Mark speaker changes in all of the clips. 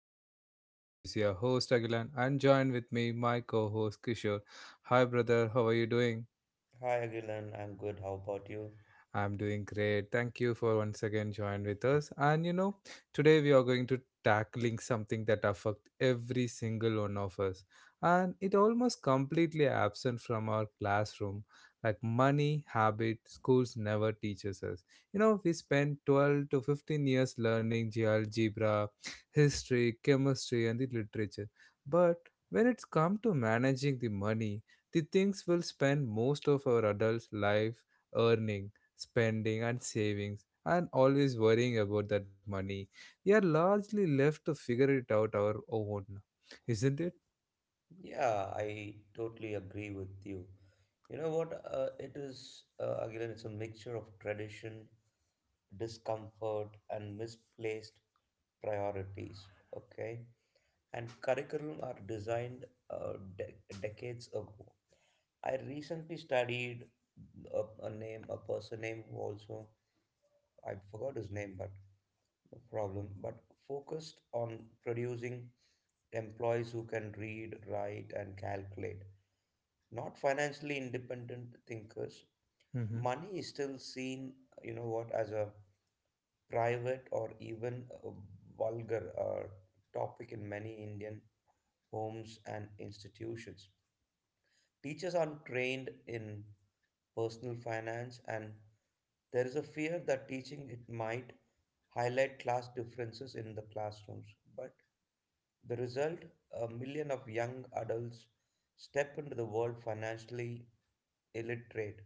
Speaker 1: my podcast. This is your host Agilan and join with me my co-host Kishore. Hi brother, how are you doing?
Speaker 2: Hi Agilan, I'm good. How about you?
Speaker 1: I'm doing great. Thank you for once again joining with us. And you know, today we are going to tackling something that affect every single one of us, and it almost completely absent from our classroom. Like money habit, schools never teaches us. You know, we spend 12 to 15 years learning algebra, history, chemistry, and the literature. But when it's come to managing the money, the things we'll spend most of our adult life earning, spending, and savings, and always worrying about that money, we are largely left to figure it out our own, isn't it?
Speaker 2: Yeah, I totally agree with you. You know what? Agilan, it's a mixture of tradition, discomfort, and misplaced priorities. Okay? And curriculum are designed decades ago. I recently studied a person name who also, I forgot his name, but problem, but focused on producing employees who can read, write, and calculate. Not financially independent thinkers.
Speaker 1: Hmm.
Speaker 2: Money is still seen, you know what, as a private or even a vulgar topic in many Indian homes and institutions. Teachers aren't trained in personal finance, and there is a fear that teaching it might highlight class differences in the classrooms. But the result, a million of young adults step into the world financially illiterate,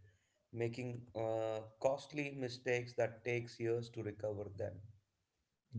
Speaker 2: making costly mistakes that takes years to recover them.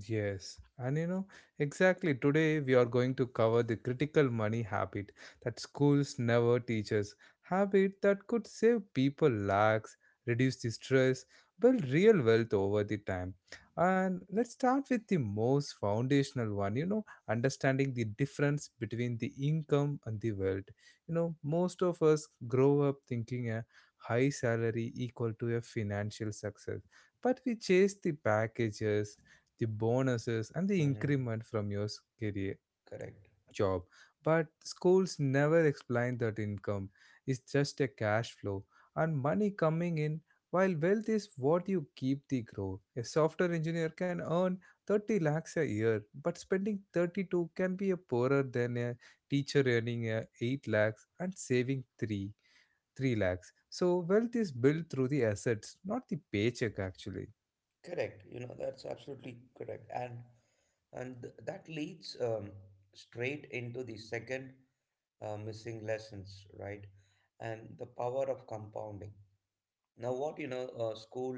Speaker 1: Yes, and you know, exactly today we are going to cover the critical money habit that schools never teach us, habit that could save people lakhs, reduce the stress, build real wealth over the time. And let's start with the most foundational one, you know, understanding the difference between the income and the wealth. You know, most of us grow up thinking a high salary equal to a financial success, but we chase the packages, the bonuses, and the
Speaker 2: Mm-hmm.
Speaker 1: increment from your career
Speaker 2: Correct.
Speaker 1: job. But schools never explain that income is just a cash flow and money coming in, while wealth is what you keep the grow. A software engineer can earn 30 lakhs a year, but spending 32 can be a poorer than a teacher earning a 8 lakhs and saving 3 lakhs. So wealth is built through the assets, not the paycheck actually.
Speaker 2: Correct. You know, that's absolutely correct. And that leads straight into the second missing lessons, right? And the power of compounding. Now, school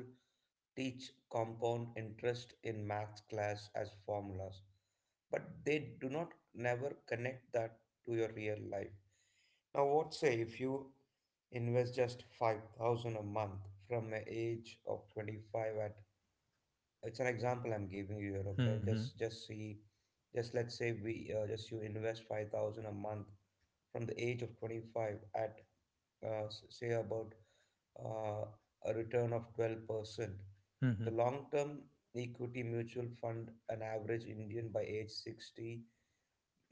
Speaker 2: teach compound interest in math class as formulas, but they do not never connect that to your real life. Now, what say if you invest just 5000 a month from an age of 25 at it's an example I'm giving you here, okay?
Speaker 1: Mm-hmm.
Speaker 2: Just see. Just Let's say we just you invest 5000 a month from the age of 25 at say about uh, a return of 12%.
Speaker 1: Mm-hmm.
Speaker 2: The long term equity mutual fund, an average Indian by age 60,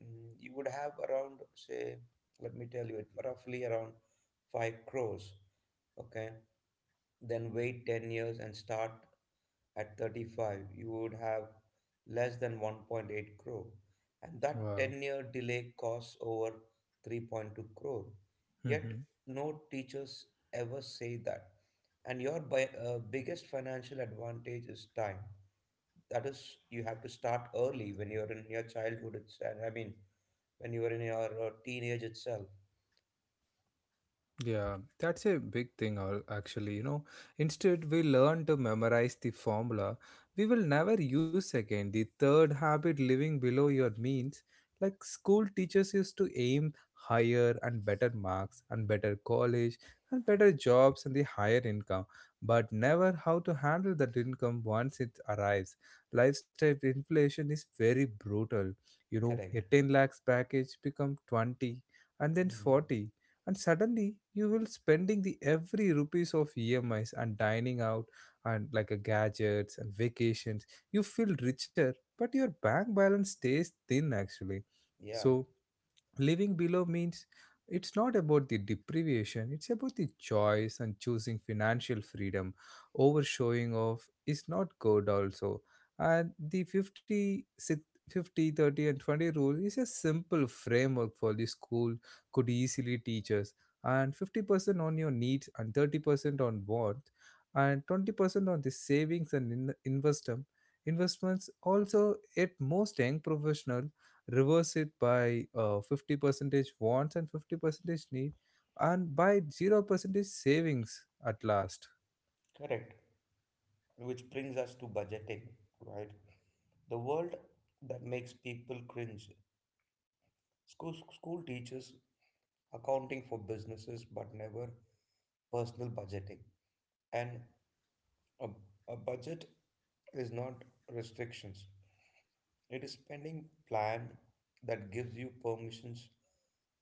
Speaker 2: you would have around, say, let me tell you it, roughly around 5 crores. Okay. Then wait 10 years and start at 35, you would have less than 1.8 crore, and that
Speaker 1: Wow.
Speaker 2: 10-year delay costs over 3.2 crore.
Speaker 1: Mm-hmm.
Speaker 2: Yet, no teachers ever say that. And your biggest financial advantage is time. That is, you have to start early when you're in your childhood. I mean, when you are in your teenage itself.
Speaker 1: Yeah, that's a big thing, actually. You know, instead, we learn to memorize the formula we will never use again. The third habit, living below your means, like school teaches us to aim higher and better marks, and better college, and better jobs, and the higher income, but never how to handle that income once it arrives. Lifestyle inflation is very brutal. You know, a
Speaker 2: Correct.
Speaker 1: 10 lakhs package become 20 and then
Speaker 2: Mhm.
Speaker 1: 40, and suddenly you will spending the every rupees of EMIs and dining out and like a gadgets and vacations. You feel richer, but your bank balance stays thin actually.
Speaker 2: Yeah,
Speaker 1: So living below means it's not about the deprivation, it's about the choice, and choosing financial freedom over showing off is not good also. And the 50, 30 and 20 rule is a simple framework for the school could easily teach us. And 50% on your needs, and 30% on wants, and 20% on the savings and investment investments also. At most young professional reverse it by 50 percentage wants and 50 percentage need, and by 0 percentage savings at last.
Speaker 2: correct. Which brings us to budgeting, right? The world that makes people cringe. School teaches accounting for businesses but never personal budgeting. And a, a budget is not restrictions, it is spending plan that gives you permissions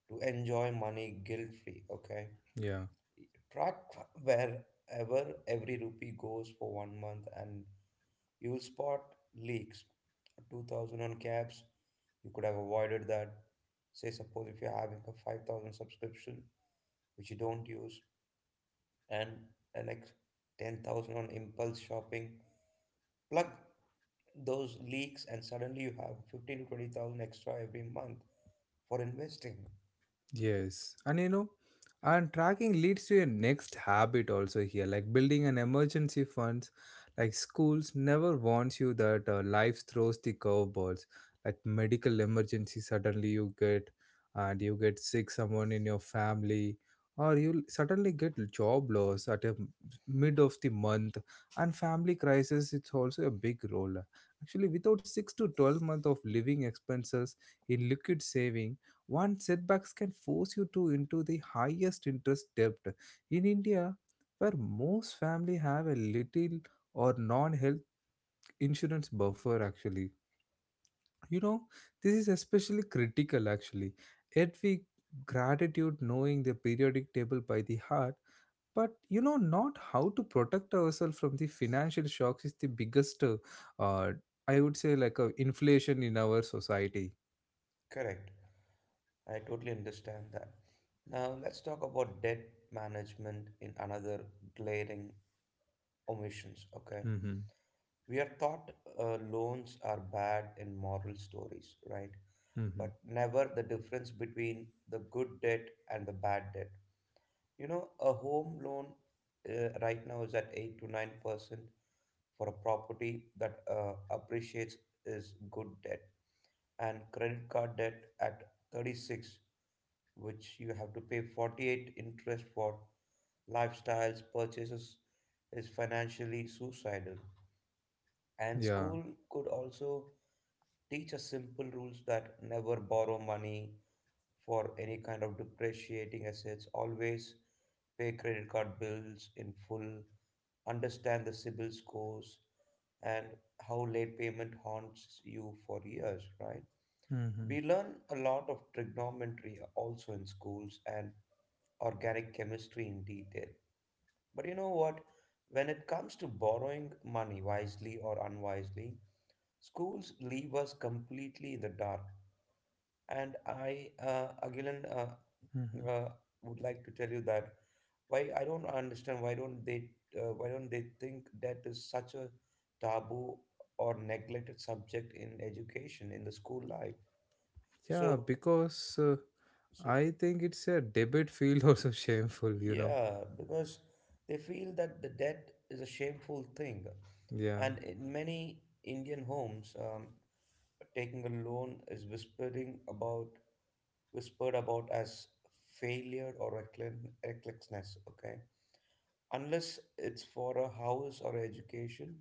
Speaker 2: to enjoy money guilt free. Okay.
Speaker 1: Yeah.
Speaker 2: Track wherever every rupee goes for one month and you'll spot leaks. 2000 on cabs, you could have avoided that. Say, suppose if you're having a 5000 subscription, which you don't use, and an ex 10,000 on impulse shopping, plug those leaks and suddenly you have 15 to 20,000 extra every month for investing.
Speaker 1: Yes, and you know, and tracking leads to your next habit also here, like building an emergency funds. Like schools never warns you that life throws the curveballs, like medical emergency suddenly you get, and you get sick someone in your family, or you suddenly get job loss at a mid of the month, and family crisis. It's also a big role. Actually, without 6 to 12 month of living expenses in liquid saving, one setbacks can force you to into the highest interest debt. In India, where most family have a little or non-health insurance buffer actually. You know, this is especially critical actually. Yet we gratitude knowing the periodic table by the heart, but you know not how to protect ourselves from the financial shocks is the biggest uh, I would say like a inflation in our society.
Speaker 2: Correct. I totally understand that. Now let's talk about debt management in another glaring omissions. Okay,
Speaker 1: Mm-hmm.
Speaker 2: we are taught loans are bad in moral stories, right?
Speaker 1: Mm-hmm.
Speaker 2: But never the difference between the good debt and the bad debt. You know, a home loan right now is at 8 to 9% for a property that appreciates is good debt, and credit card debt at 36, which you have to pay 48 interest for lifestyles purchases, is financially suicidal. And
Speaker 1: Yeah.
Speaker 2: school could also teach us simple rules, that never borrow money for any kind of depreciating assets, always pay credit card bills in full, understand the CIBIL scores, and how late payment haunts you for years, right?
Speaker 1: Mm-hmm.
Speaker 2: We learn a lot of trigonometry also in schools and organic chemistry in detail. But you know what? When it comes to borrowing money wisely or unwisely, schools leave us completely in the dark. And I, Agilan,
Speaker 1: Mm-hmm.
Speaker 2: would like to tell you that, why I don't understand, why don't they think that is such a taboo or neglected subject in education in the school life.
Speaker 1: Yeah,
Speaker 2: So
Speaker 1: because
Speaker 2: so,
Speaker 1: I think it's a debate field also shameful, you know.
Speaker 2: yeah, because they feel that the debt is a shameful thing.
Speaker 1: Yeah,
Speaker 2: And in many Indian homes, taking a loan is whispering about whispered about as failure or recklessness. Okay, unless it's for a house or education,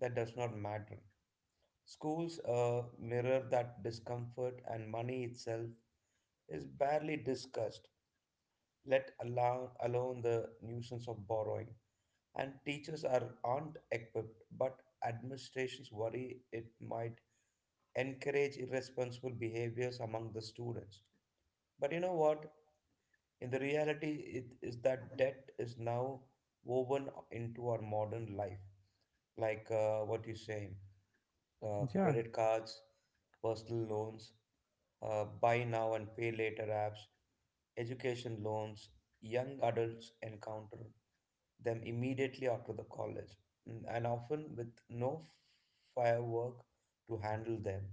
Speaker 2: that does not matter. Schools mirror that discomfort, and money itself is barely discussed. Let alone the nuisance of borrowing. And teachers aren't equipped, but administrations worry it might encourage irresponsible behaviors among the students. But you know what? In the reality, it is that debt is now woven into our modern life, like what you say,
Speaker 1: yeah,
Speaker 2: credit cards, personal loans, buy now and pay later apps, education loans. Young adults encounter them immediately after the college, and often with no firework to handle them.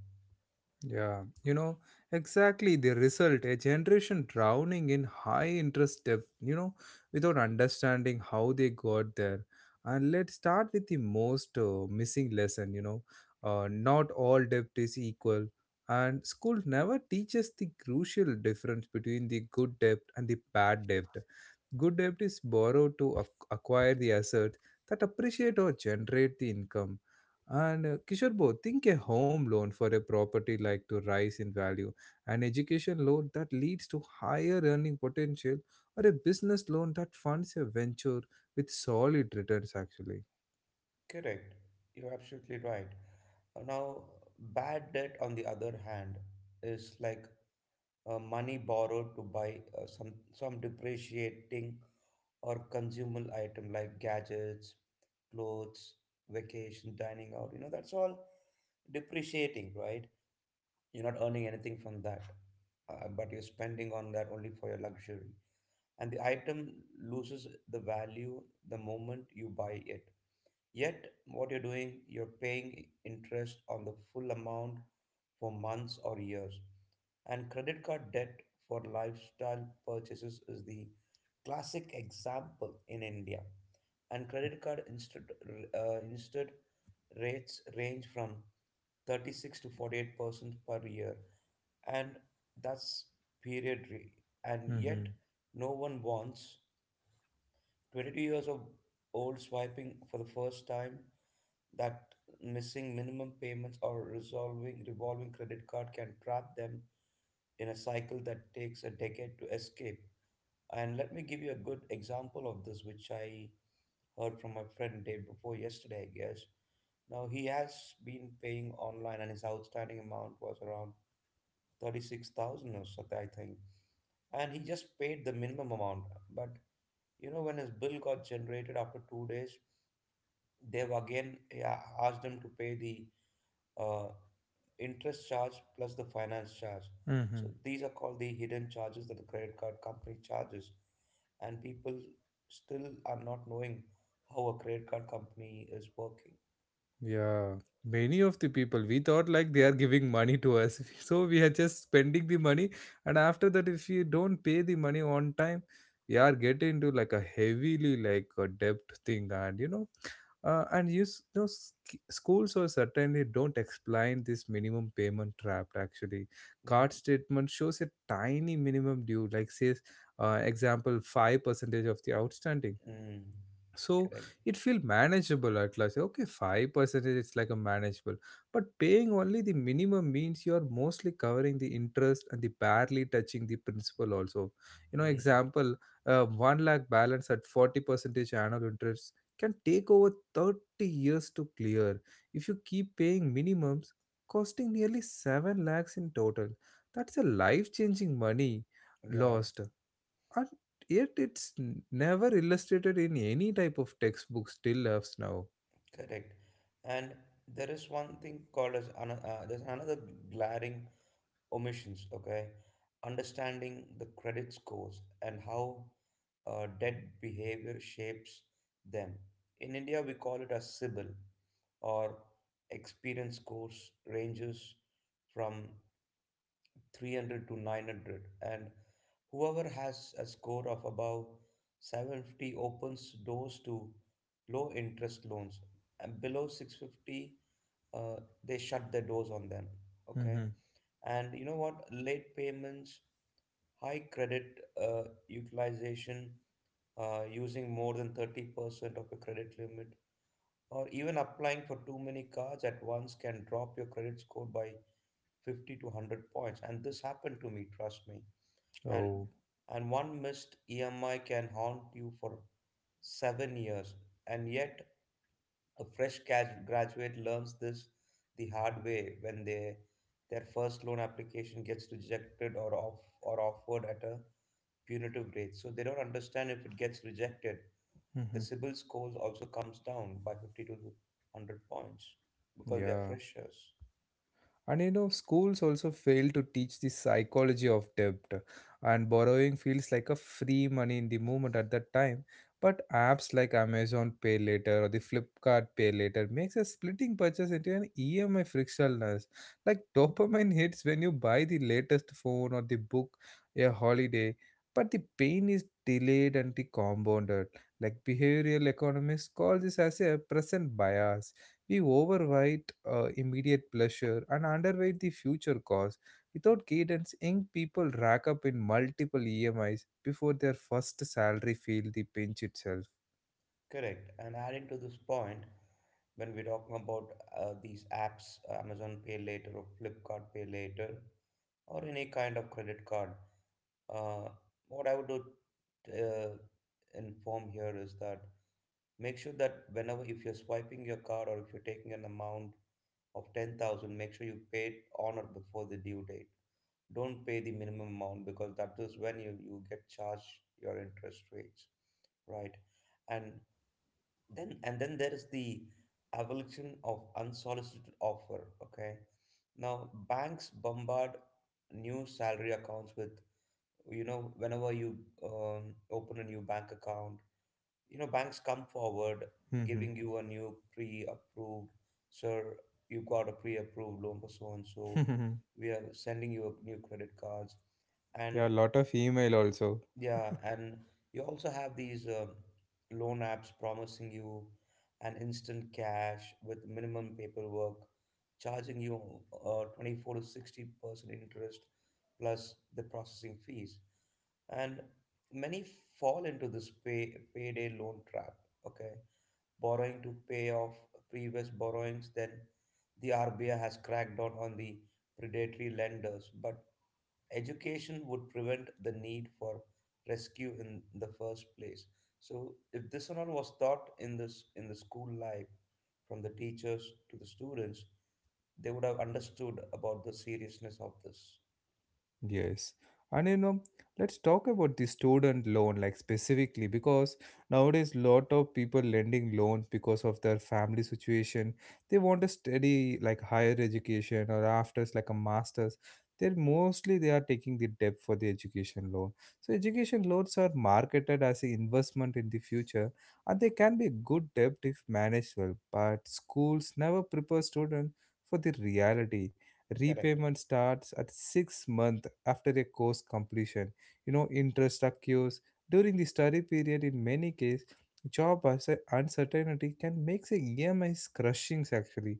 Speaker 1: yeah. You know, exactly the result a generation drowning in high interest debt, you know, without understanding how they got there. And let's start with the most missing lesson, you know. Not all debt is equal. And school never teaches the crucial difference between the good debt and the bad debt. Good debt is borrowed to acquire the assets that appreciate or generate the income. And Kishore Bo, think a home loan for a property like to rise in value, an education loan that leads to higher earning potential, or a business loan that funds a venture with solid returns actually.
Speaker 2: Correct. You're absolutely right. Now, bad debt, on the other hand, is like money borrowed to buy some depreciating or consumable item like gadgets, clothes, vacation, dining out. You know, that's all depreciating, right? You're not earning anything from that, but you're spending on that only for your luxury. And the item loses the value the moment you buy it. Yet, what you're doing, you're paying interest on the full amount for months or years. And credit card debt for lifestyle purchases is the classic example in India. And credit card instead, rates range from 36 to 48% per year, and that's period rate. And
Speaker 1: Mm-hmm.
Speaker 2: yet, no one wants 22 years of old swiping for the first time that missing minimum payments or resolving revolving credit card can trap them in a cycle that takes a decade to escape. And let me give you a good example of this, which I heard from my friend day before yesterday, I guess. Now he has been paying online, and his outstanding amount was around 36,000 or something, I think. And he just paid the minimum amount. But you know, when his bill got generated after 2 days, they've again, yeah, asked them to pay the uh, interest charge plus the finance charge.
Speaker 1: Mm-hmm.
Speaker 2: So these are called the hidden charges that the credit card company charges, and people still are not knowing how a credit card company is working.
Speaker 1: Yeah, many of the people we thought like they are giving money to us, so we are just spending the money, and after that, if you don't pay the money on time, we are getting into like a heavily like a debt thing. And you know, schools or certainly don't explain this minimum payment trap. Actually,
Speaker 2: Yeah,
Speaker 1: card statement shows a tiny minimum due, like says, example five percentage of the outstanding,
Speaker 2: mm,
Speaker 1: so
Speaker 2: correct.
Speaker 1: it feel manageable at last. Okay, 5%, it's like a manageable, but paying only the minimum means you are mostly covering the interest and the barely touching the principal also. You know,
Speaker 2: Mm,
Speaker 1: example, 1 lakh balance at 40 percentage annual interest can take over 30 years to clear if you keep paying minimums, costing nearly 7 lakhs in total. That's a life changing money
Speaker 2: yeah,
Speaker 1: lost. And yet it's never illustrated in any type of textbooks till as now.
Speaker 2: correct. And there is one thing called there's another glaring omissions, okay? Understanding the credit scores and how debt behavior shapes them. In India, we call it a CIBIL or experience scores ranges from 300 to 900, and whoever has a score of above 750 opens doors to low interest loans, and below 650, uh, they shut their doors on them. Okay,
Speaker 1: Mm-hmm.
Speaker 2: and you know what? Late payments, high credit utilization, using more than 30% of your credit limit, or even applying for too many cards at once, can drop your credit score by 50 to 100 points. And this happened to me, trust me. And
Speaker 1: Oh.
Speaker 2: and one missed EMI can haunt you for 7 years. And yet, a fresh graduate learns this the hard way when they their first loan application gets rejected, or offered at a punitive rates. So they don't understand, if it gets rejected, the
Speaker 1: Mm-hmm.
Speaker 2: CIBIL score also comes down by 50 to 100 points because they are
Speaker 1: Yeah.
Speaker 2: freshers.
Speaker 1: And you know, schools also fail to teach the psychology of debt, and borrowing feels like a free money in the moment at that time. But apps like Amazon Pay Later or the Flipkart Pay Later makes a splitting purchase into an EMI frictionless. Like dopamine hits when you buy the latest phone or the book a holiday, but the pain is delayed and the compounded. Like behavioral economists call this as a present bias. We overweight immediate pleasure and underweight the future cost. Without cadence, young people rack up in multiple EMIs before their first salary feel the pinch itself.
Speaker 2: Correct. And adding to this point, when we're talking about these apps, Amazon Pay Later or Flipkart Pay Later, or any kind of credit card, uh, what I would do, uh, inform here is that, make sure that whenever if you're swiping your card or if you're taking an amount of 10,000, make sure you pay it on or before the due date. Don't pay the minimum amount because that is when you get charged your interest rates, right? And and then there is the evolution of unsolicited offer, okay? Now, banks bombard new salary accounts with, whenever you open a new bank account, you know banks come forward
Speaker 1: Yeah,
Speaker 2: giving you a new pre-approved, "Sir, you got a pre-approved loan for so and so, we are sending you a new credit cards." And
Speaker 1: lot of email also.
Speaker 2: yeah, and you also have these loan apps promising you an instant cash with minimum paperwork, charging you 24 to 60% interest plus the processing fees. And many fall into this payday loan trap, okay? Borrowing to pay off previous borrowings, then the RBI has cracked down on the predatory lenders, but education would prevent the need for rescue in the first place. So if this and all was taught in this in the school life from the teachers to the students, they would have understood about the seriousness of this.
Speaker 1: Yes. And you know, let's talk about the student loan, like specifically, because nowadays lot of people lending loans because of their family situation. They want to study like higher education or afters like a master's. They're mostly they are taking the debt for the education loan. So education loans are marketed as an investment in the future, and they can be a good debt if managed well. But schools never prepare students for the reality.
Speaker 2: Correct.
Speaker 1: Repayment starts at 6 months after a course completion. You know, interest occurs during the study period. In many cases, job uncertainty can make the EMIs crushing actually.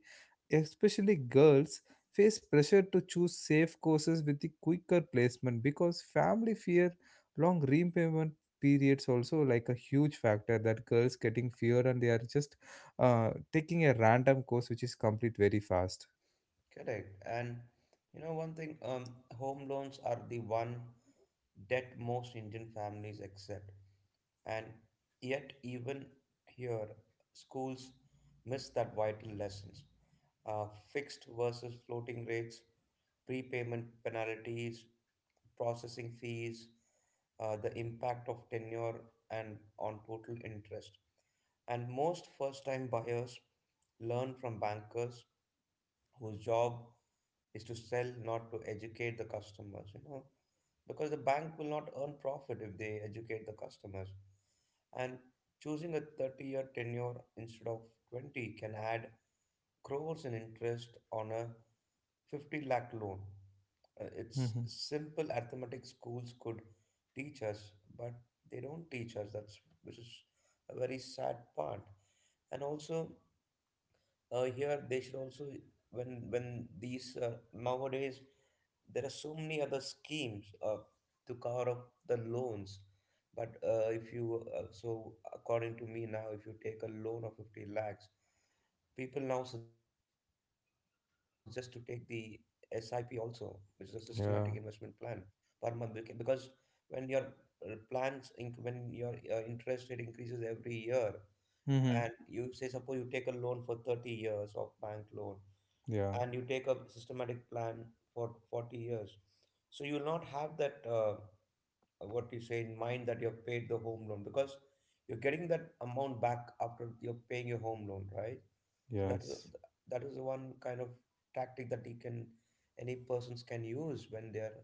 Speaker 1: Especially girls face pressure to choose safe courses with the quicker placement because family fear long repayment periods, also like a huge factor that girls getting fear, and they are just taking a random course which is complete very fast.
Speaker 2: Correct. And you know, one thing, home loans are the one debt most Indian families accept. And yet, even here, schools miss that vital lessons. Uh, Fixed versus floating rates, prepayment penalties, processing fees, the impact of tenure and on total interest. And most first time buyers learn from bankers whose job is to sell, not to educate the customers, because the bank will not earn profit if they educate the customers. And choosing a 30-year tenure instead of 20 can add crores in interest on a 50 lakh loan. It's
Speaker 1: Mm-hmm.
Speaker 2: simple arithmetic schools could teach us, but they don't teach us. That's which is a very sad part. And also, here they should also, when these nowadays there are so many other schemes to cover up the loans, but if you so according to me, now if you take a loan of 50 lakhs, people now suggest to take the sip also, which is a systematic investment plan
Speaker 1: Yeah.
Speaker 2: per month, because when your interest rate increases every year,
Speaker 1: Mm-hmm.
Speaker 2: and you say suppose you take a loan for 30 years of bank loan
Speaker 1: Yeah.
Speaker 2: and you take a systematic plan for 40 years, so you will not have that what you say in mind that you have paid the home loan, because you're getting that amount back after you're paying your home loan, right? So that is a,
Speaker 1: Yes.
Speaker 2: that is the one kind of tactic that you can, any persons can use when they are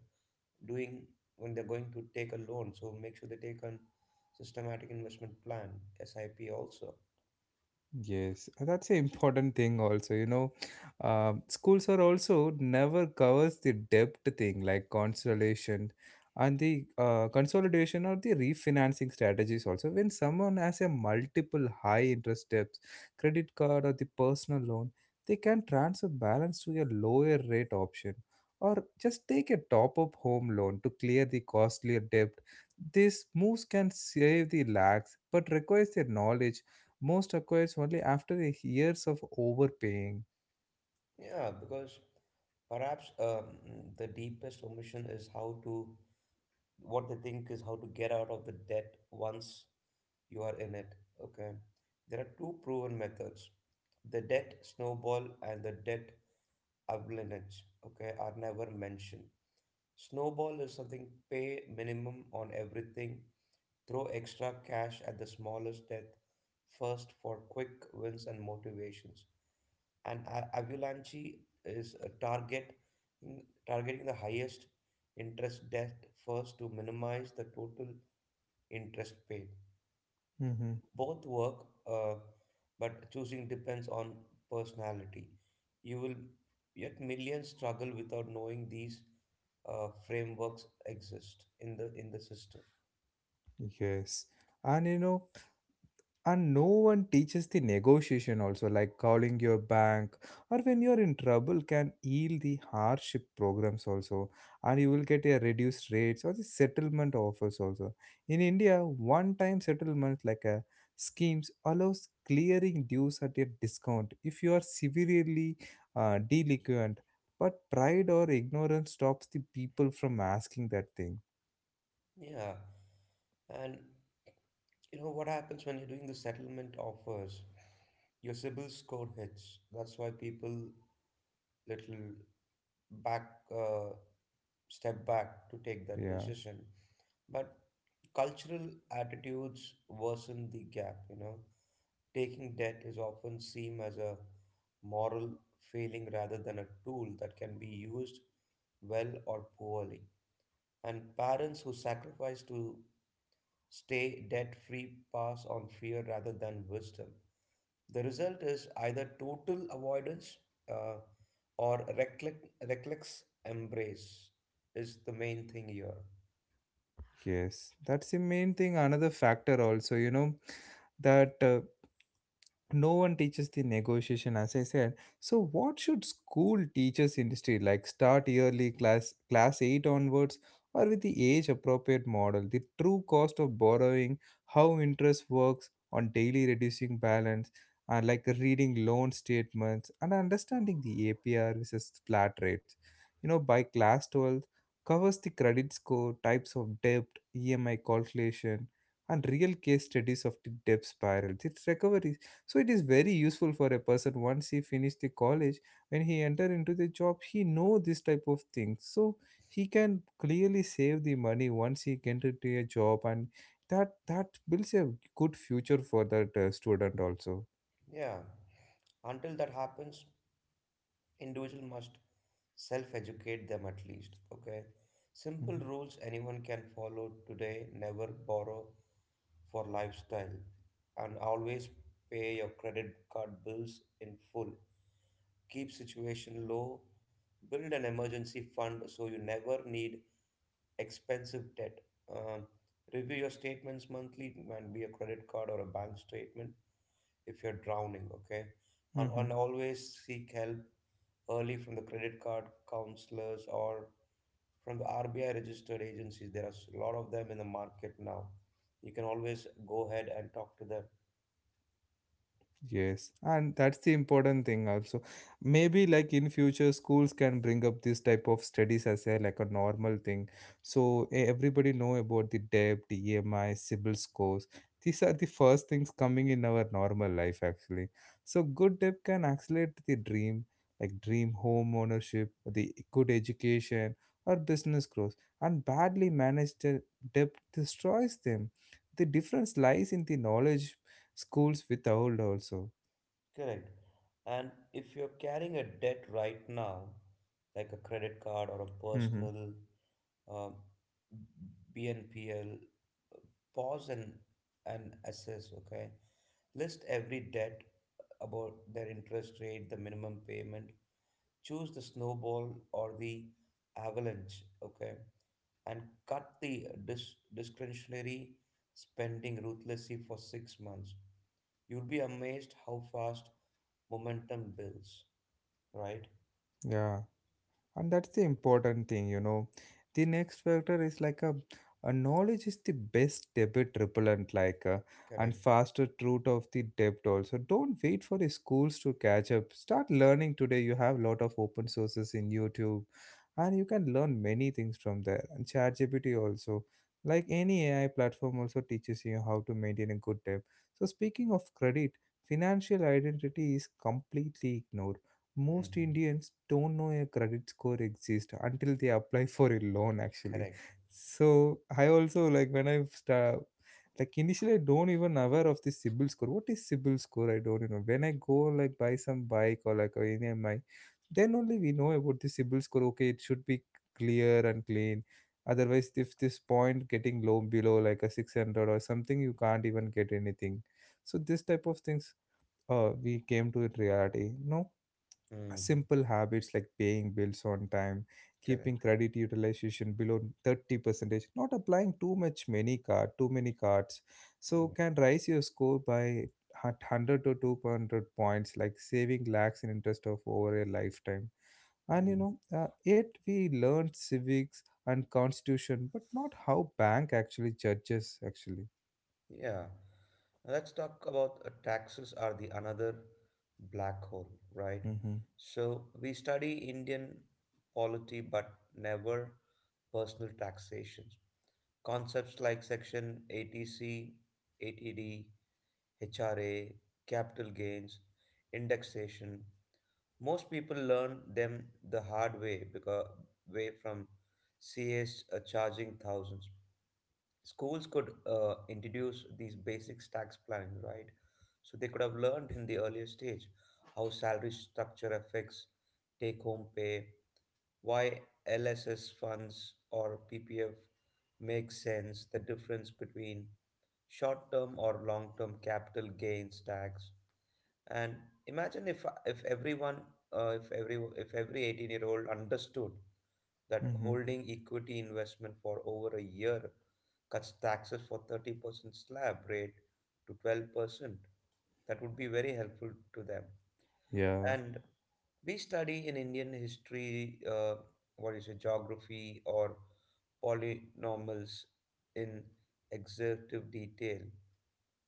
Speaker 2: doing, when they're going to take a loan, so make sure they take a systematic investment plan sip also.
Speaker 1: Yes, that's an important thing also, you know. Schools are also never covers the debt thing, like consolation and the consolidation or the refinancing strategies also. When someone has a multiple high interest debts, credit card or the personal loan, they can transfer balance to a lower rate option or just take a top up home loan to clear the costlier debt. These moves can save the lakhs but requires their knowledge most acquires only after years of overpaying.
Speaker 2: Yeah, because perhaps the deepest omission is how to, what they think is how to get out of the debt once you are in it. Okay. There are two proven methods. The debt snowball and the debt avalanche, okay, are never mentioned. Snowball is something: pay minimum on everything. Throw extra cash at the smallest death first for quick wins and motivations. And Avalanche is a targeting the highest interest debt first to minimize the total interest paid.
Speaker 1: Mm-hmm.
Speaker 2: Both work, but choosing depends on personality. You will, yet millions struggle without knowing these frameworks exist in the system.
Speaker 1: Yes. And you know, and no one teaches the negotiation also, like calling your bank or when you're in trouble can yield the hardship programs also, and you will get a reduced rates or the settlement offers also. In India, one time settlement like a schemes allows clearing dues at a discount if you are severely delinquent, but pride or ignorance stops the people from asking that thing.
Speaker 2: Yeah, and you know what happens when you're doing the settlement offers? Your CIBIL score hits. That's why people little back, uh, step back to take that
Speaker 1: Yeah.
Speaker 2: decision. But cultural attitudes worsen the gap. You know, taking debt is often seen as a moral failing rather than a tool that can be used well or poorly. And parents who sacrifice to stay debt free pass on fear rather than wisdom. The result is either total avoidance, uh, or reckless embrace, is the main thing here.
Speaker 1: Yes, that's the main thing. Another factor, also, you know, that no one teaches the negotiation as I said. So what should school teachers industry like start yearly class 8 onwards, or with the age appropriate model the true cost of borrowing, how interest works on daily reducing balance, and like reading loan statements and understanding the APR versus flat rates. You know, by class 12 covers the credit score, types of debt, EMI calculation, and real case studies of the debt spiral its recovery. So it is very useful for a person once he finished the college. When he enter into the job he know this type of things, so he can clearly save the money once he get into a job, and that builds a good future for that student also.
Speaker 2: Yeah, until that happens, individual must self educate them at least. Okay,
Speaker 1: Mhm.
Speaker 2: simple rules anyone can follow today: never borrow for lifestyle, and always pay your credit card bills in full, keep situation low, build an emergency fund so you never need expensive debt. Um, review your statements monthly, it can be a credit card or a bank statement if you're drowning, okay? And
Speaker 1: Mhm.
Speaker 2: always seek help early from the credit card counselors or from the RBI registered agencies. There are a lot of them in the market now. You can always go ahead and talk to them.
Speaker 1: Yes, and that's the important thing also. Maybe like in future schools can bring up this type of studies as a like a normal thing. So everybody know about the debt, EMI, CIBIL scores. These are the first things coming in our normal life actually. So good debt can accelerate the dream, like dream home ownership, the good education or business growth. And badly managed debt destroys them. The difference lies in the knowledge schools with old also.
Speaker 2: Correct. And if you're carrying a debt right now, like a credit card or a
Speaker 1: Hmm.
Speaker 2: personal, um, BNPL, pause and assess, okay? List every debt, about their interest rate, the minimum payment. Choose the snowball or the avalanche, okay? And cut the discretionary spending ruthlessly for 6 months. You'll be amazed how fast momentum builds, right?
Speaker 1: Yeah, and that's the important thing. The next factor is a knowledge is the best debit repellent and
Speaker 2: Correct.
Speaker 1: faster route of the debt also. Don't wait for the schools to catch up. Start learning today. You have a lot of open sources in YouTube, and you can learn many things from there, and ChatGPT also. Like any AI platform also teaches you how to maintain a good debt. So speaking of credit, financial identity is completely ignored. Most
Speaker 2: Hmm.
Speaker 1: Indians don't know a credit score exists until they apply for a loan actually.
Speaker 2: Correct.
Speaker 1: So I also, like, when I start, like initially I don't even aware of this CIBIL score. What is CIBIL score? I don't know. When I go like buy some bike, or like, or any of my, then only we know about the CIBIL score. Okay, it should be clear and clean. Otherwise, if this point getting low below like a 600 or something, you can't even get anything. So this type of things, we came to it reality. No,
Speaker 2: Mm.
Speaker 1: simple habits like paying bills on time,
Speaker 2: Correct.
Speaker 1: keeping credit utilization below 30 percentage, not applying too many cards so
Speaker 2: Mm.
Speaker 1: can raise your score by 100 to 200 points, like saving lakhs in interest of over a lifetime. And
Speaker 2: Mm.
Speaker 1: yet we learned civics and constitution but not how bank actually judges actually.
Speaker 2: Yeah. Now let's talk about, taxes are the another black hole, right?
Speaker 1: Mm-hmm.
Speaker 2: So we study Indian polity but never personal taxations. Concepts like Section 80C, 80D, capital gains, indexation. Most people learn them the hard way because way from CS, charging thousands. Schools could introduce these basic tax planning, right? So they could have learned in the earlier stage how salary structure affects take-home pay, why LSS funds or PPF make sense, the difference between short-term or long-term capital gains tax, and imagine if everyone, if every 18-year-old understood that
Speaker 1: Mm-hmm.
Speaker 2: holding equity investment for over a year cuts taxes for 30% slab rate to 12%, that would be very helpful to them.
Speaker 1: Yeah,
Speaker 2: And we study in Indian history, what is it, geography or polynomials, in exhaustive detail.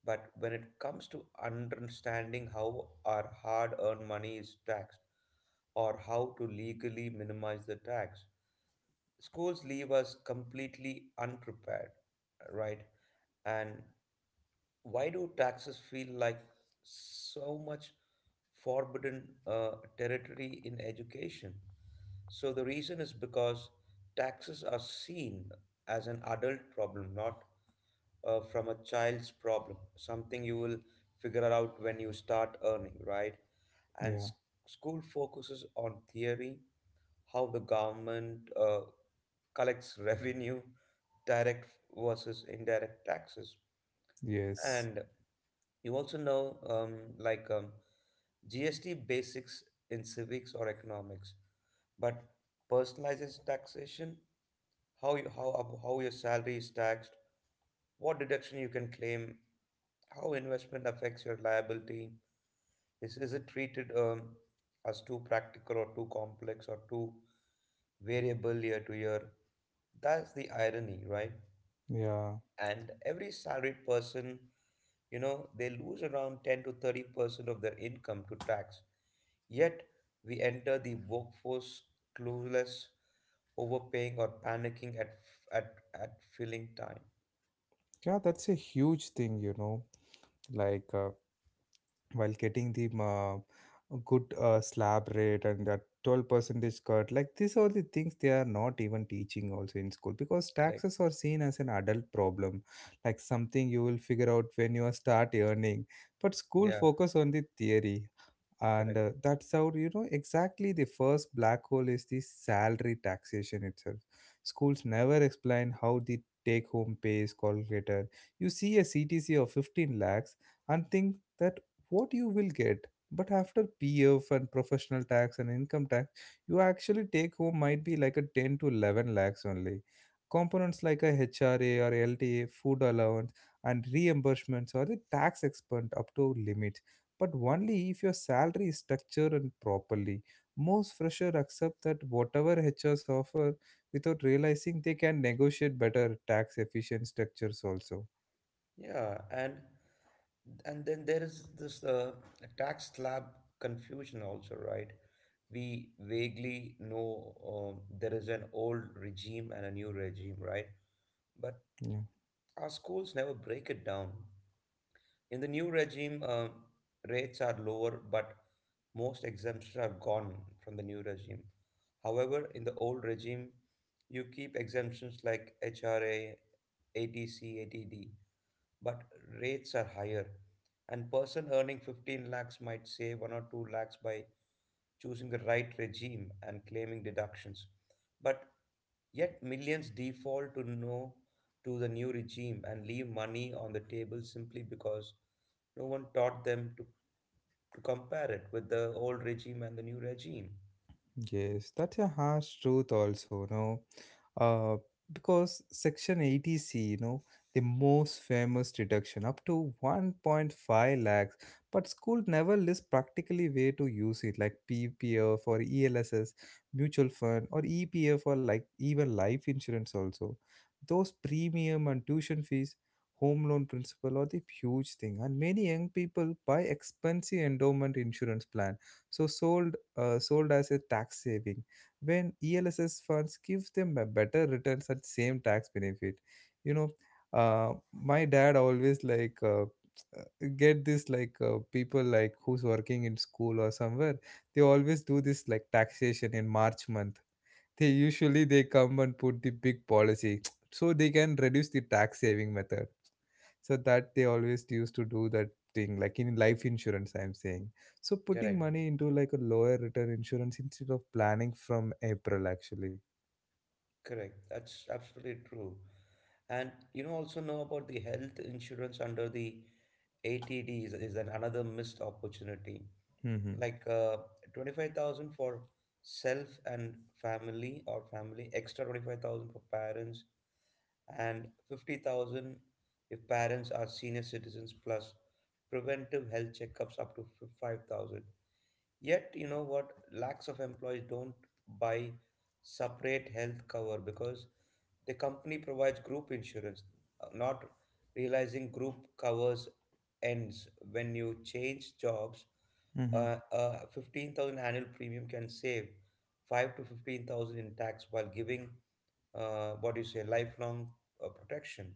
Speaker 2: But when it comes to understanding how our hard earned money is taxed or how to legally minimize the tax, schools leave us completely unprepared, right? And why do taxes feel like so much forbidden, territory in education? So the reason is because taxes are seen as an adult problem, not, from a child's problem, something you will figure out when you start earning, right? And
Speaker 1: yeah.
Speaker 2: school focuses on theory, how the government collects revenue, direct versus indirect taxes.
Speaker 1: Yes.
Speaker 2: And you also know, GST basics in civics or economics, but personalized taxation, how your salary is taxed, what deduction you can claim, how investment affects your liability. Is it treated, as too practical or too complex or too variable year to year? That's the irony, right?
Speaker 1: Yeah,
Speaker 2: And every salaried person, you know, they lose around 10 to 30% of their income to tax. Yet we enter the workforce clueless, overpaying or panicking at filling time.
Speaker 1: yeah. That's a huge thing, like while getting the good slab rate and that 12 percentage cut, like these are the things they are not even teaching also in school because
Speaker 2: Correct.
Speaker 1: taxes are seen as an adult problem, like something you will figure out when you start earning. But school
Speaker 2: Yeah,
Speaker 1: focus on the theory, and
Speaker 2: correct.
Speaker 1: that's how you know exactly the first black hole is the salary taxation itself. Schools never explain how the take home pay is calculated. You see a CTC of 15 lakhs and think that what you will get, but after PF and professional tax and income tax, you actually take home might be like a 10 to 11 lakhs only. Components like a HRA or LTA, food allowance and reimbursements are the tax expense up to limit, but only if your salary is structured and properly. Most freshers accept that whatever HRs offer without realizing they can negotiate better tax efficient structures also.
Speaker 2: Yeah, and then there is this tax slab confusion also, right? We vaguely know, there is an old regime and a new regime, right? But
Speaker 1: Yeah.
Speaker 2: our schools never break it down. In the new regime, rates are lower, but most exemptions are gone from the new regime. However, in the old regime, you keep exemptions like HRA, ADC, ADD, but rates are higher. And person earning 15 lakhs might save 1 or 2 lakhs by choosing the right regime and claiming deductions. But yet millions default to no, to the new regime, and leave money on the table simply because no one taught them to compare it with the old regime and the new regime.
Speaker 1: Yes, that's a harsh truth also, no? Uh, because Section 80C, the most famous deduction up to 1.5 lakhs, but school never lists practically way to use it like PPF or ELSS, mutual fund or EPF or like even life insurance also. Those premium and tuition fees, home loan principal are the huge thing, and many young people buy expensive endowment insurance plan so sold as a tax saving when ELSS funds gives them a better returns at same tax benefit. you know my dad always get this, like people like who's working in school or somewhere, they always do this, like taxation in March month, they come and put the big policy so they can reduce the tax saving method, so that they always used to do that thing, like in life insurance, I'm saying. So putting
Speaker 2: Correct,
Speaker 1: money into like a lower return insurance instead of planning from April actually.
Speaker 2: correct. That's absolutely true. And you know, also know about the health insurance under the ATD, is an another missed opportunity.
Speaker 1: Mm-hmm.
Speaker 2: Like 25,000 for self and family, or family extra 25,000 for parents, and 50,000 if parents are senior citizens, plus preventive health checkups up to 5,000. Yet, you know what? Lakhs of employees don't buy separate health cover because the company provides group insurance, not realizing group covers ends when you change jobs. 15,000 annual premium can save 5 to 15,000 in tax while giving, what do you say, lifelong protection.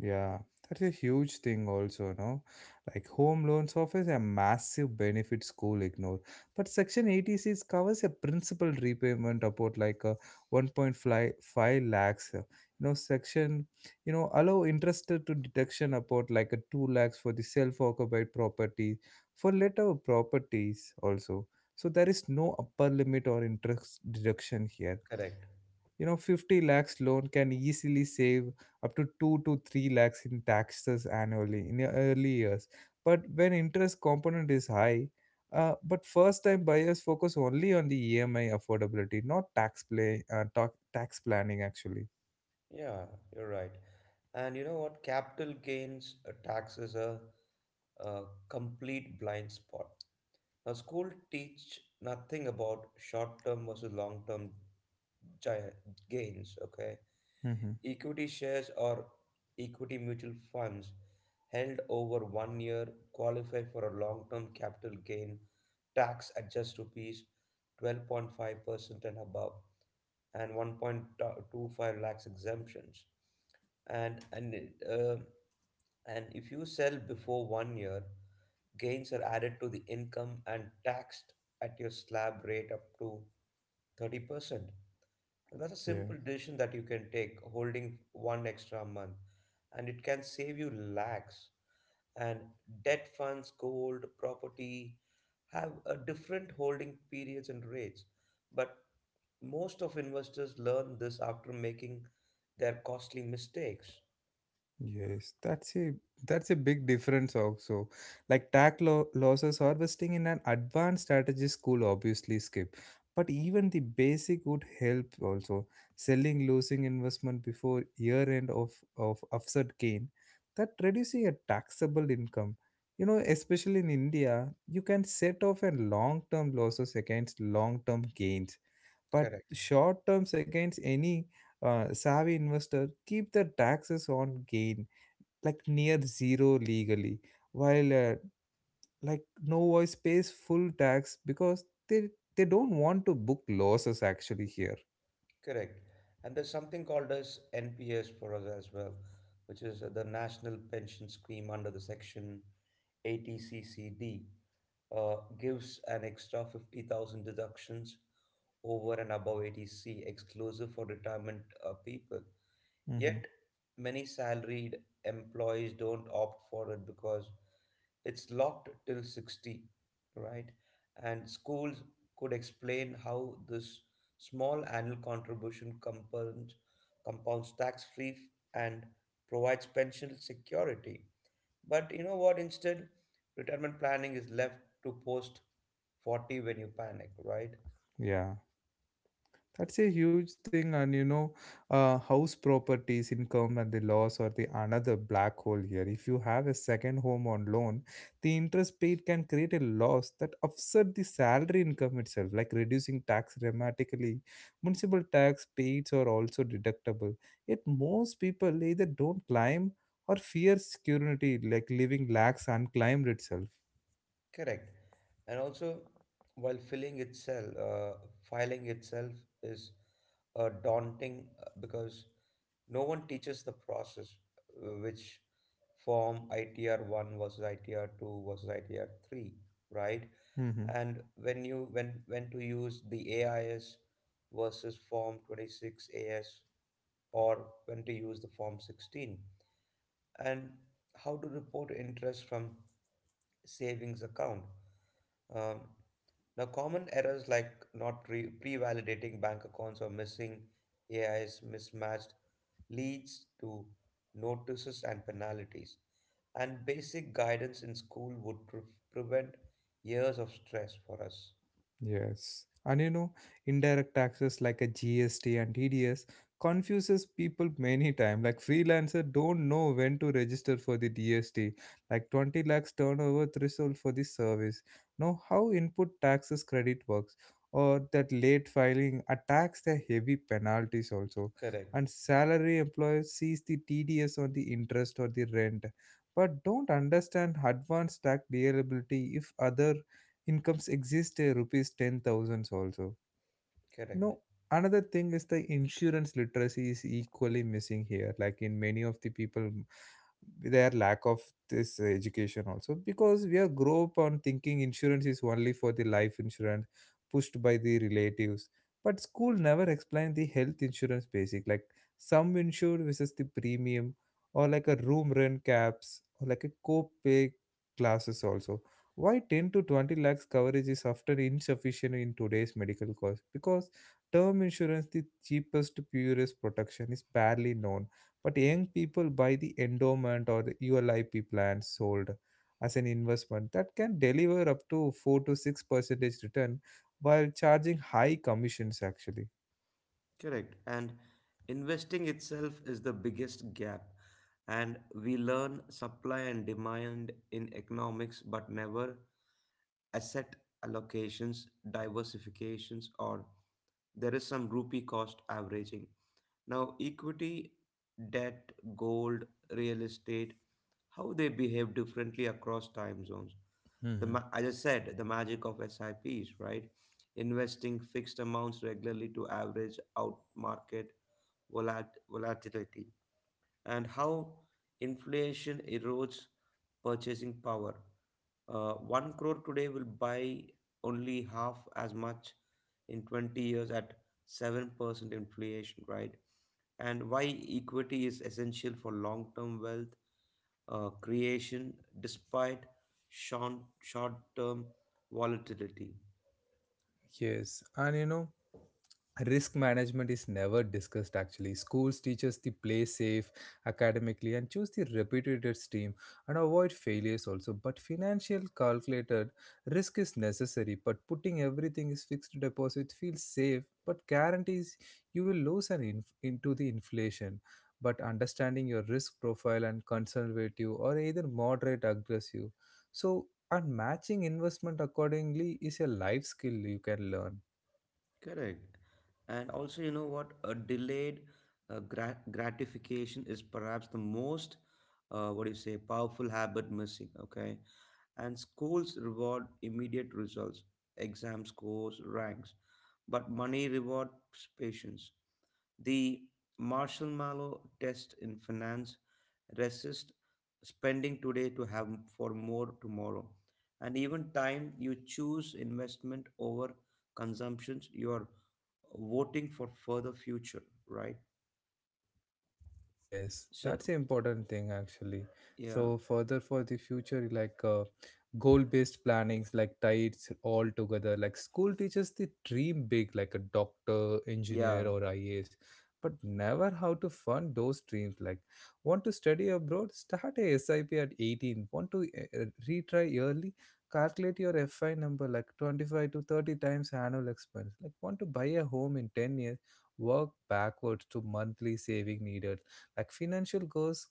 Speaker 1: Yeah, that's a huge thing also, no? Like home loans offers a massive benefit school ignore. But Section 86 covers a principal repayment about like a 1.5 lakhs. You know, section, allow interest to deduction about like a 2 lakhs for the self-occupied property, for later properties also. So there is no upper limit or interest deduction here
Speaker 2: Correct.
Speaker 1: you know 50 lakhs loan can easily save up to 2 to 3 lakhs in taxes annually in your early years, but when interest component is high, but first time buyers focus only on the EMI affordability, not tax planning actually.
Speaker 2: Yeah, you're right. And you know what? Capital gains taxes are a complete blind spot. Now, school teach nothing about short-term versus long-term gi- gains. Okay,
Speaker 1: Hmm.
Speaker 2: equity shares or equity mutual funds held over 1 year qualify for a long-term capital gain tax at just rupees 12.5% and above, and 1.25 lakhs exemptions. And and uh, and if you sell before 1 year, gains are added to the income and taxed at your slab rate up to 30%. And that's a
Speaker 1: Yeah.
Speaker 2: simple decision that you can take, holding one extra month, and it can save you lakhs. And debt funds, gold, property have a different holding periods and rates. But most of investors learn this after making their costly mistakes.
Speaker 1: Yes, that's a, that's a big difference also. Like tack losses harvesting in an advanced strategy school obviously skip, but even the basic would help also. Selling losing investment before year end of offset gain, that reducing a taxable income. You know, especially in India, you can set off and long term losses against long term gains, but
Speaker 2: Correct.
Speaker 1: short terms against any, savvy investor keep their taxes on gain like near zero legally, while like no voice pays full tax because they don't want to book losses actually here.
Speaker 2: Correct. And there's something called as NPS for us as well, which is the National Pension Scheme under the section 80CCD, gives an extra 50,000 deductions over and above 80C exclusive for retirement people.
Speaker 1: Hmm.
Speaker 2: Yet, many salaried employees don't opt for it because it's locked till 60, right? And schools could explain how this small annual contribution compounds tax free and provides pension security, but you know what, instead retirement planning is left to post 40 when you panic, right?
Speaker 1: Yeah. That's a huge thing, and house properties, income, and the loss or the another black hole here. If you have a second home on loan, the interest paid can create a loss that offset the salary income itself, like reducing tax dramatically. Municipal tax paid are also deductible. Yet most people either don't climb or fear security, like leaving lakhs unclaimed itself.
Speaker 2: Correct. And also, while filling itself filing itself is daunting because no one teaches the process, which form, ITR one versus ITR two versus ITR three, right?
Speaker 1: Mm-hmm.
Speaker 2: And when you when to use the AIS versus form 26 AS, or when to use the form 16, and how to report interest from savings account. Um, now, common errors like not re- pre-validating bank accounts or missing AIs mismatched leads to notices and penalties. And basic guidance in school would prevent years of stress for us.
Speaker 1: Yes. And indirect taxes like a GST and TDS confuses people many times. Like freelancer don't know when to register for the DST, like 20 lakhs turnover threshold for the service. Know how input taxes credit works or that late filing attacks the heavy penalties also.
Speaker 2: Correct.
Speaker 1: And salary employers sees the TDS on the interest or the rent but don't understand advanced tax liability if other incomes exist, rupees 10,000 also. you
Speaker 2: Correct.
Speaker 1: know, another thing is the insurance literacy is equally missing here. Like in many of the people, their lack of this education also, because we are grow up on thinking insurance is only for the life insurance pushed by the relatives. But school never explained the health insurance basic like sum insured versus the premium, or like a room rent caps, or like a co-pay classes also, why 10 to 20 lakhs coverage is often insufficient in today's medical cost. Because term insurance, the cheapest, purest protection, is barely known, but young people buy the endowment or the ULIP plans sold as an investment that can deliver up to 4 to 6 percentage return while charging high commissions actually.
Speaker 2: Correct. And investing itself is the biggest gap. And we learn supply and demand in economics, but never asset allocations, diversifications, or there is some rupee cost averaging. Now, equity, debt, gold, real estate, how they behave differently across time zones. The
Speaker 1: Mhm.
Speaker 2: as I said, the magic of SIPs, right? Investing fixed amounts regularly to average out market volatility, and how inflation erodes purchasing power. 1 crore today will buy only half as much in 20 years at 7% inflation, right? And why equity is essential for long term wealth creation despite short term volatility.
Speaker 1: Yes, and risk management is never discussed actually. Schools teach us to play safe academically and choose the reputed stream and avoid failures also. But financial calculated risk is necessary, but putting everything is fixed deposit feels safe, but guarantees you will lose an into the inflation. But understanding your risk profile and conservative or either moderate aggressive. So and matching investment accordingly is a life skill you can learn.
Speaker 2: Correct. And also, you know what, a delayed gratification is perhaps the most, what do you say, powerful habit missing, okay. And schools reward immediate results, exam scores, ranks, but money rewards patience. The marshmallow test in finance: resist spending today to have for more tomorrow. And even time you choose investment over consumptions, you are voting for further future, right?
Speaker 1: Yes, that's
Speaker 2: So
Speaker 1: an important thing actually.
Speaker 2: yeah,
Speaker 1: So further for the future, like goal-based plannings, like tides all together. Like school teaches the dream big, like a doctor,
Speaker 2: yeah.
Speaker 1: engineer, or IAS, but never how to fund those dreams. Like want to study abroad, start a SIP at 18. Want to retry early, calculate your FI number like 25 to 30 times annual expense. Like want to buy a home in 10 years, work backwards to monthly saving needed, like financial goals,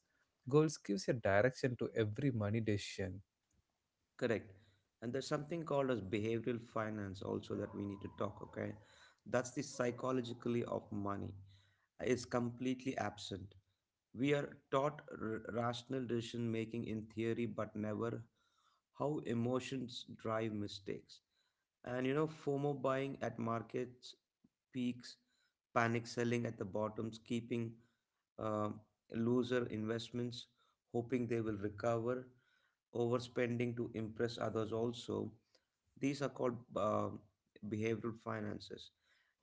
Speaker 1: goals gives a direction to every money decision.
Speaker 2: Correct. And there's something called as behavioral finance also that we need to talk, okay? That's the psychologically of money is completely absent. We are taught rational decision making in theory but never how emotions drive mistakes. And you know, FOMO buying at markets peaks, panic selling at the bottoms, keeping uh, loser investments hoping they will recover, overspending to impress others also, these are called behavioral finances.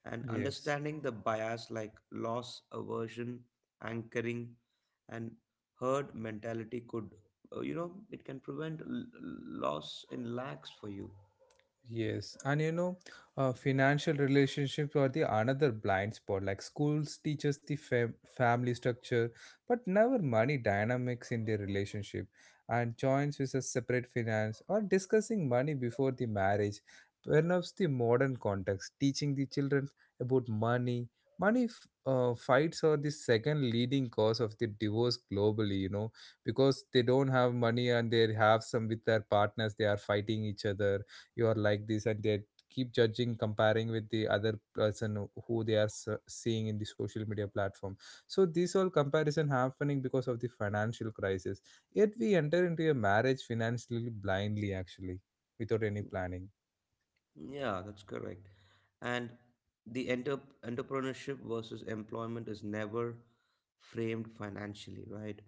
Speaker 2: And
Speaker 1: Yes.
Speaker 2: understanding the bias like loss aversion, anchoring, and herd mentality could, you know, it can prevent loss in lakhs for you.
Speaker 1: Yes, and financial relationships are the another blind spot. Like schools teaches the family structure, but never money dynamics in their relationship, and joins with a separate finance or discussing money before the marriage. Perhaps the modern context, teaching the children about money. Money fights are the second leading cause of the divorce globally. You know, because they don't have money and they have some with their partners, they are fighting each other. You are like this, and they keep judging, comparing with the other person who they are seeing in the social media platform. So this all comparison happening because of the financial crisis, yet we enter into a marriage financially blindly actually, without any planning.
Speaker 2: Yeah, that's correct. And the entrepreneurship versus employment is never framed financially, right?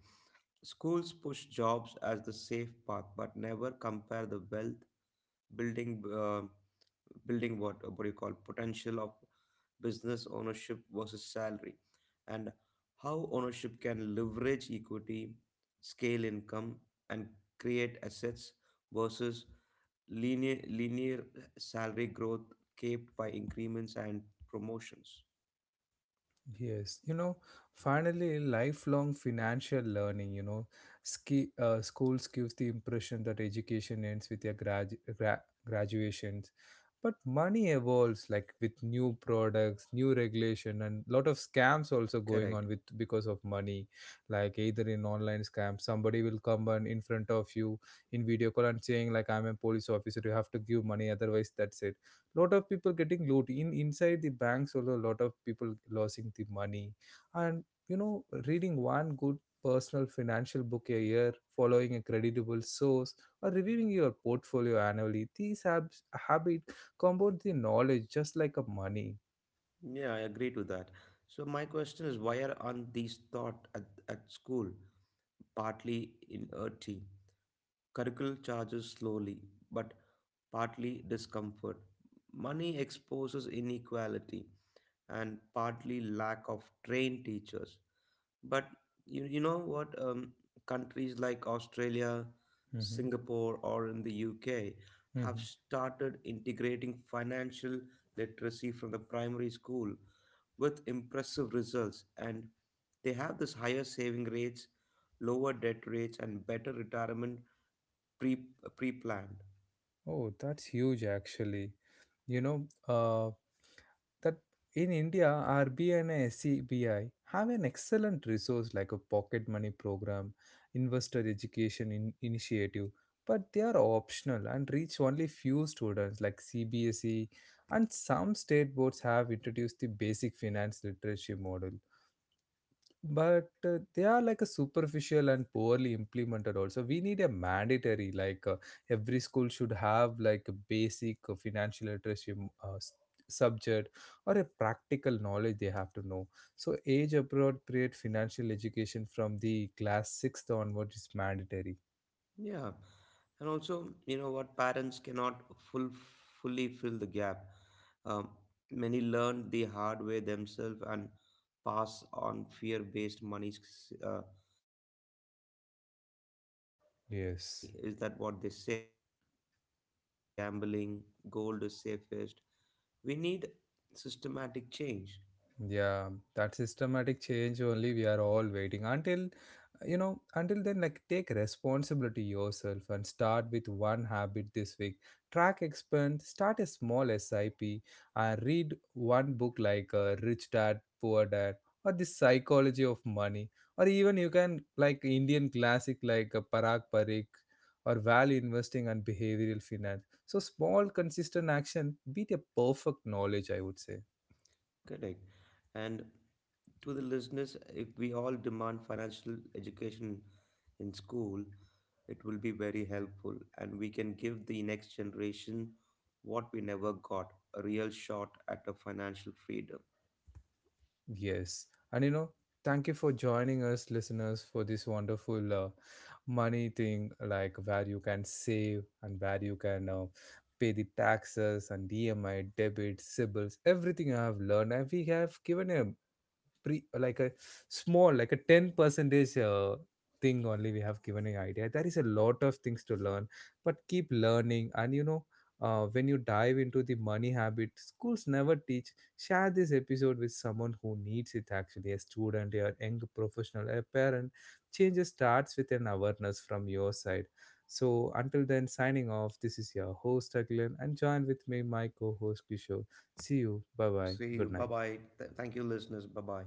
Speaker 2: Schools push jobs as the safe path, but never compare the wealth building, building what, what do you call, potential of business ownership versus salary, and how ownership can leverage equity, scale income, and create assets versus linear salary growth capped by increments and promotions.
Speaker 1: Yes, finally, lifelong financial learning. You know, schools gives the impression that education ends with your graduations, but money evolves like with new products, new regulation, and lot of scams also going
Speaker 2: Correct.
Speaker 1: on with because of money. Like either in online scam, somebody will come and in front of you in video call and saying like, "I'm a police officer. You have to give money, otherwise that's it." Lot of people getting loot in inside the banks also, a lot of people losing the money. And you know reading one good personal financial book a year, following a creditable source, or reviewing your portfolio annually, these habit compound the knowledge just like a money.
Speaker 2: Yeah, I agree to that. So my question is, why aren't these taught at school? Partly in RT curriculum charges slowly, but partly discomfort. Money exposes inequality, and partly lack of trained teachers. But you know what? Countries like Australia,
Speaker 1: Hmm.
Speaker 2: Singapore, or in the UK have
Speaker 1: Hmm.
Speaker 2: started integrating financial literacy from the primary school with impressive results. And they have this higher saving rates, lower debt rates, and better retirement pre pre planned.
Speaker 1: Oh, that's huge actually. you know uh, that in India, RBI and SCBI have an excellent resource like a pocket money program, investor education initiative, but they are optional and reach only few students like CBSE, and some state boards have introduced the basic finance literacy model, but they are like a superficial and poorly implemented also. We need a mandatory, like every school should have like a basic financial literacy uh, s- subject or a practical knowledge they have to know. So age appropriate financial education from the class 6th onward is mandatory.
Speaker 2: Yeah, and also, you know what, parents cannot full fully fill the gap. Um, many learn the hard way themselves and pass on fear-based money scripts. Save every penny,
Speaker 1: Yes.
Speaker 2: is that what they say? And shares are gambling, gold is safest. We need systematic change.
Speaker 1: Yeah, that systematic change only we are all waiting until until then like take responsibility yourself and start with one habit this week. Track expand, start a small SIP, and read one book like Rich Dad Poor Dad, or the psychology of money, or even you can like Indian classic like Parag Parikh, or value investing and behavioral finance. So small consistent action beat a perfect knowledge I would say.
Speaker 2: Correct. And to the listeners, if we all demand financial education in school, it will be very helpful, and we can give the next generation what we never got, a real shot at a financial freedom.
Speaker 1: Yes. And thank you for joining us, listeners, for this wonderful money thing, like where you can save and where you can pay the taxes and EMI, debit, sibles, everything I have learned. And we have given a pre like a small like a 10 percentage thing only we have given an idea. There is a lot of things to learn, but keep learning. And when you dive into the money habit schools never teach, share this episode with someone who needs it actually, a student, a young professional, a parent. Change starts with an awareness from your side. So until then, signing off. This is your host Aglen, and join with me my co-host Kishore. See you, bye bye,
Speaker 2: See you.
Speaker 1: good
Speaker 2: Bye
Speaker 1: night.
Speaker 2: bye. Thank you, listeners. Bye bye.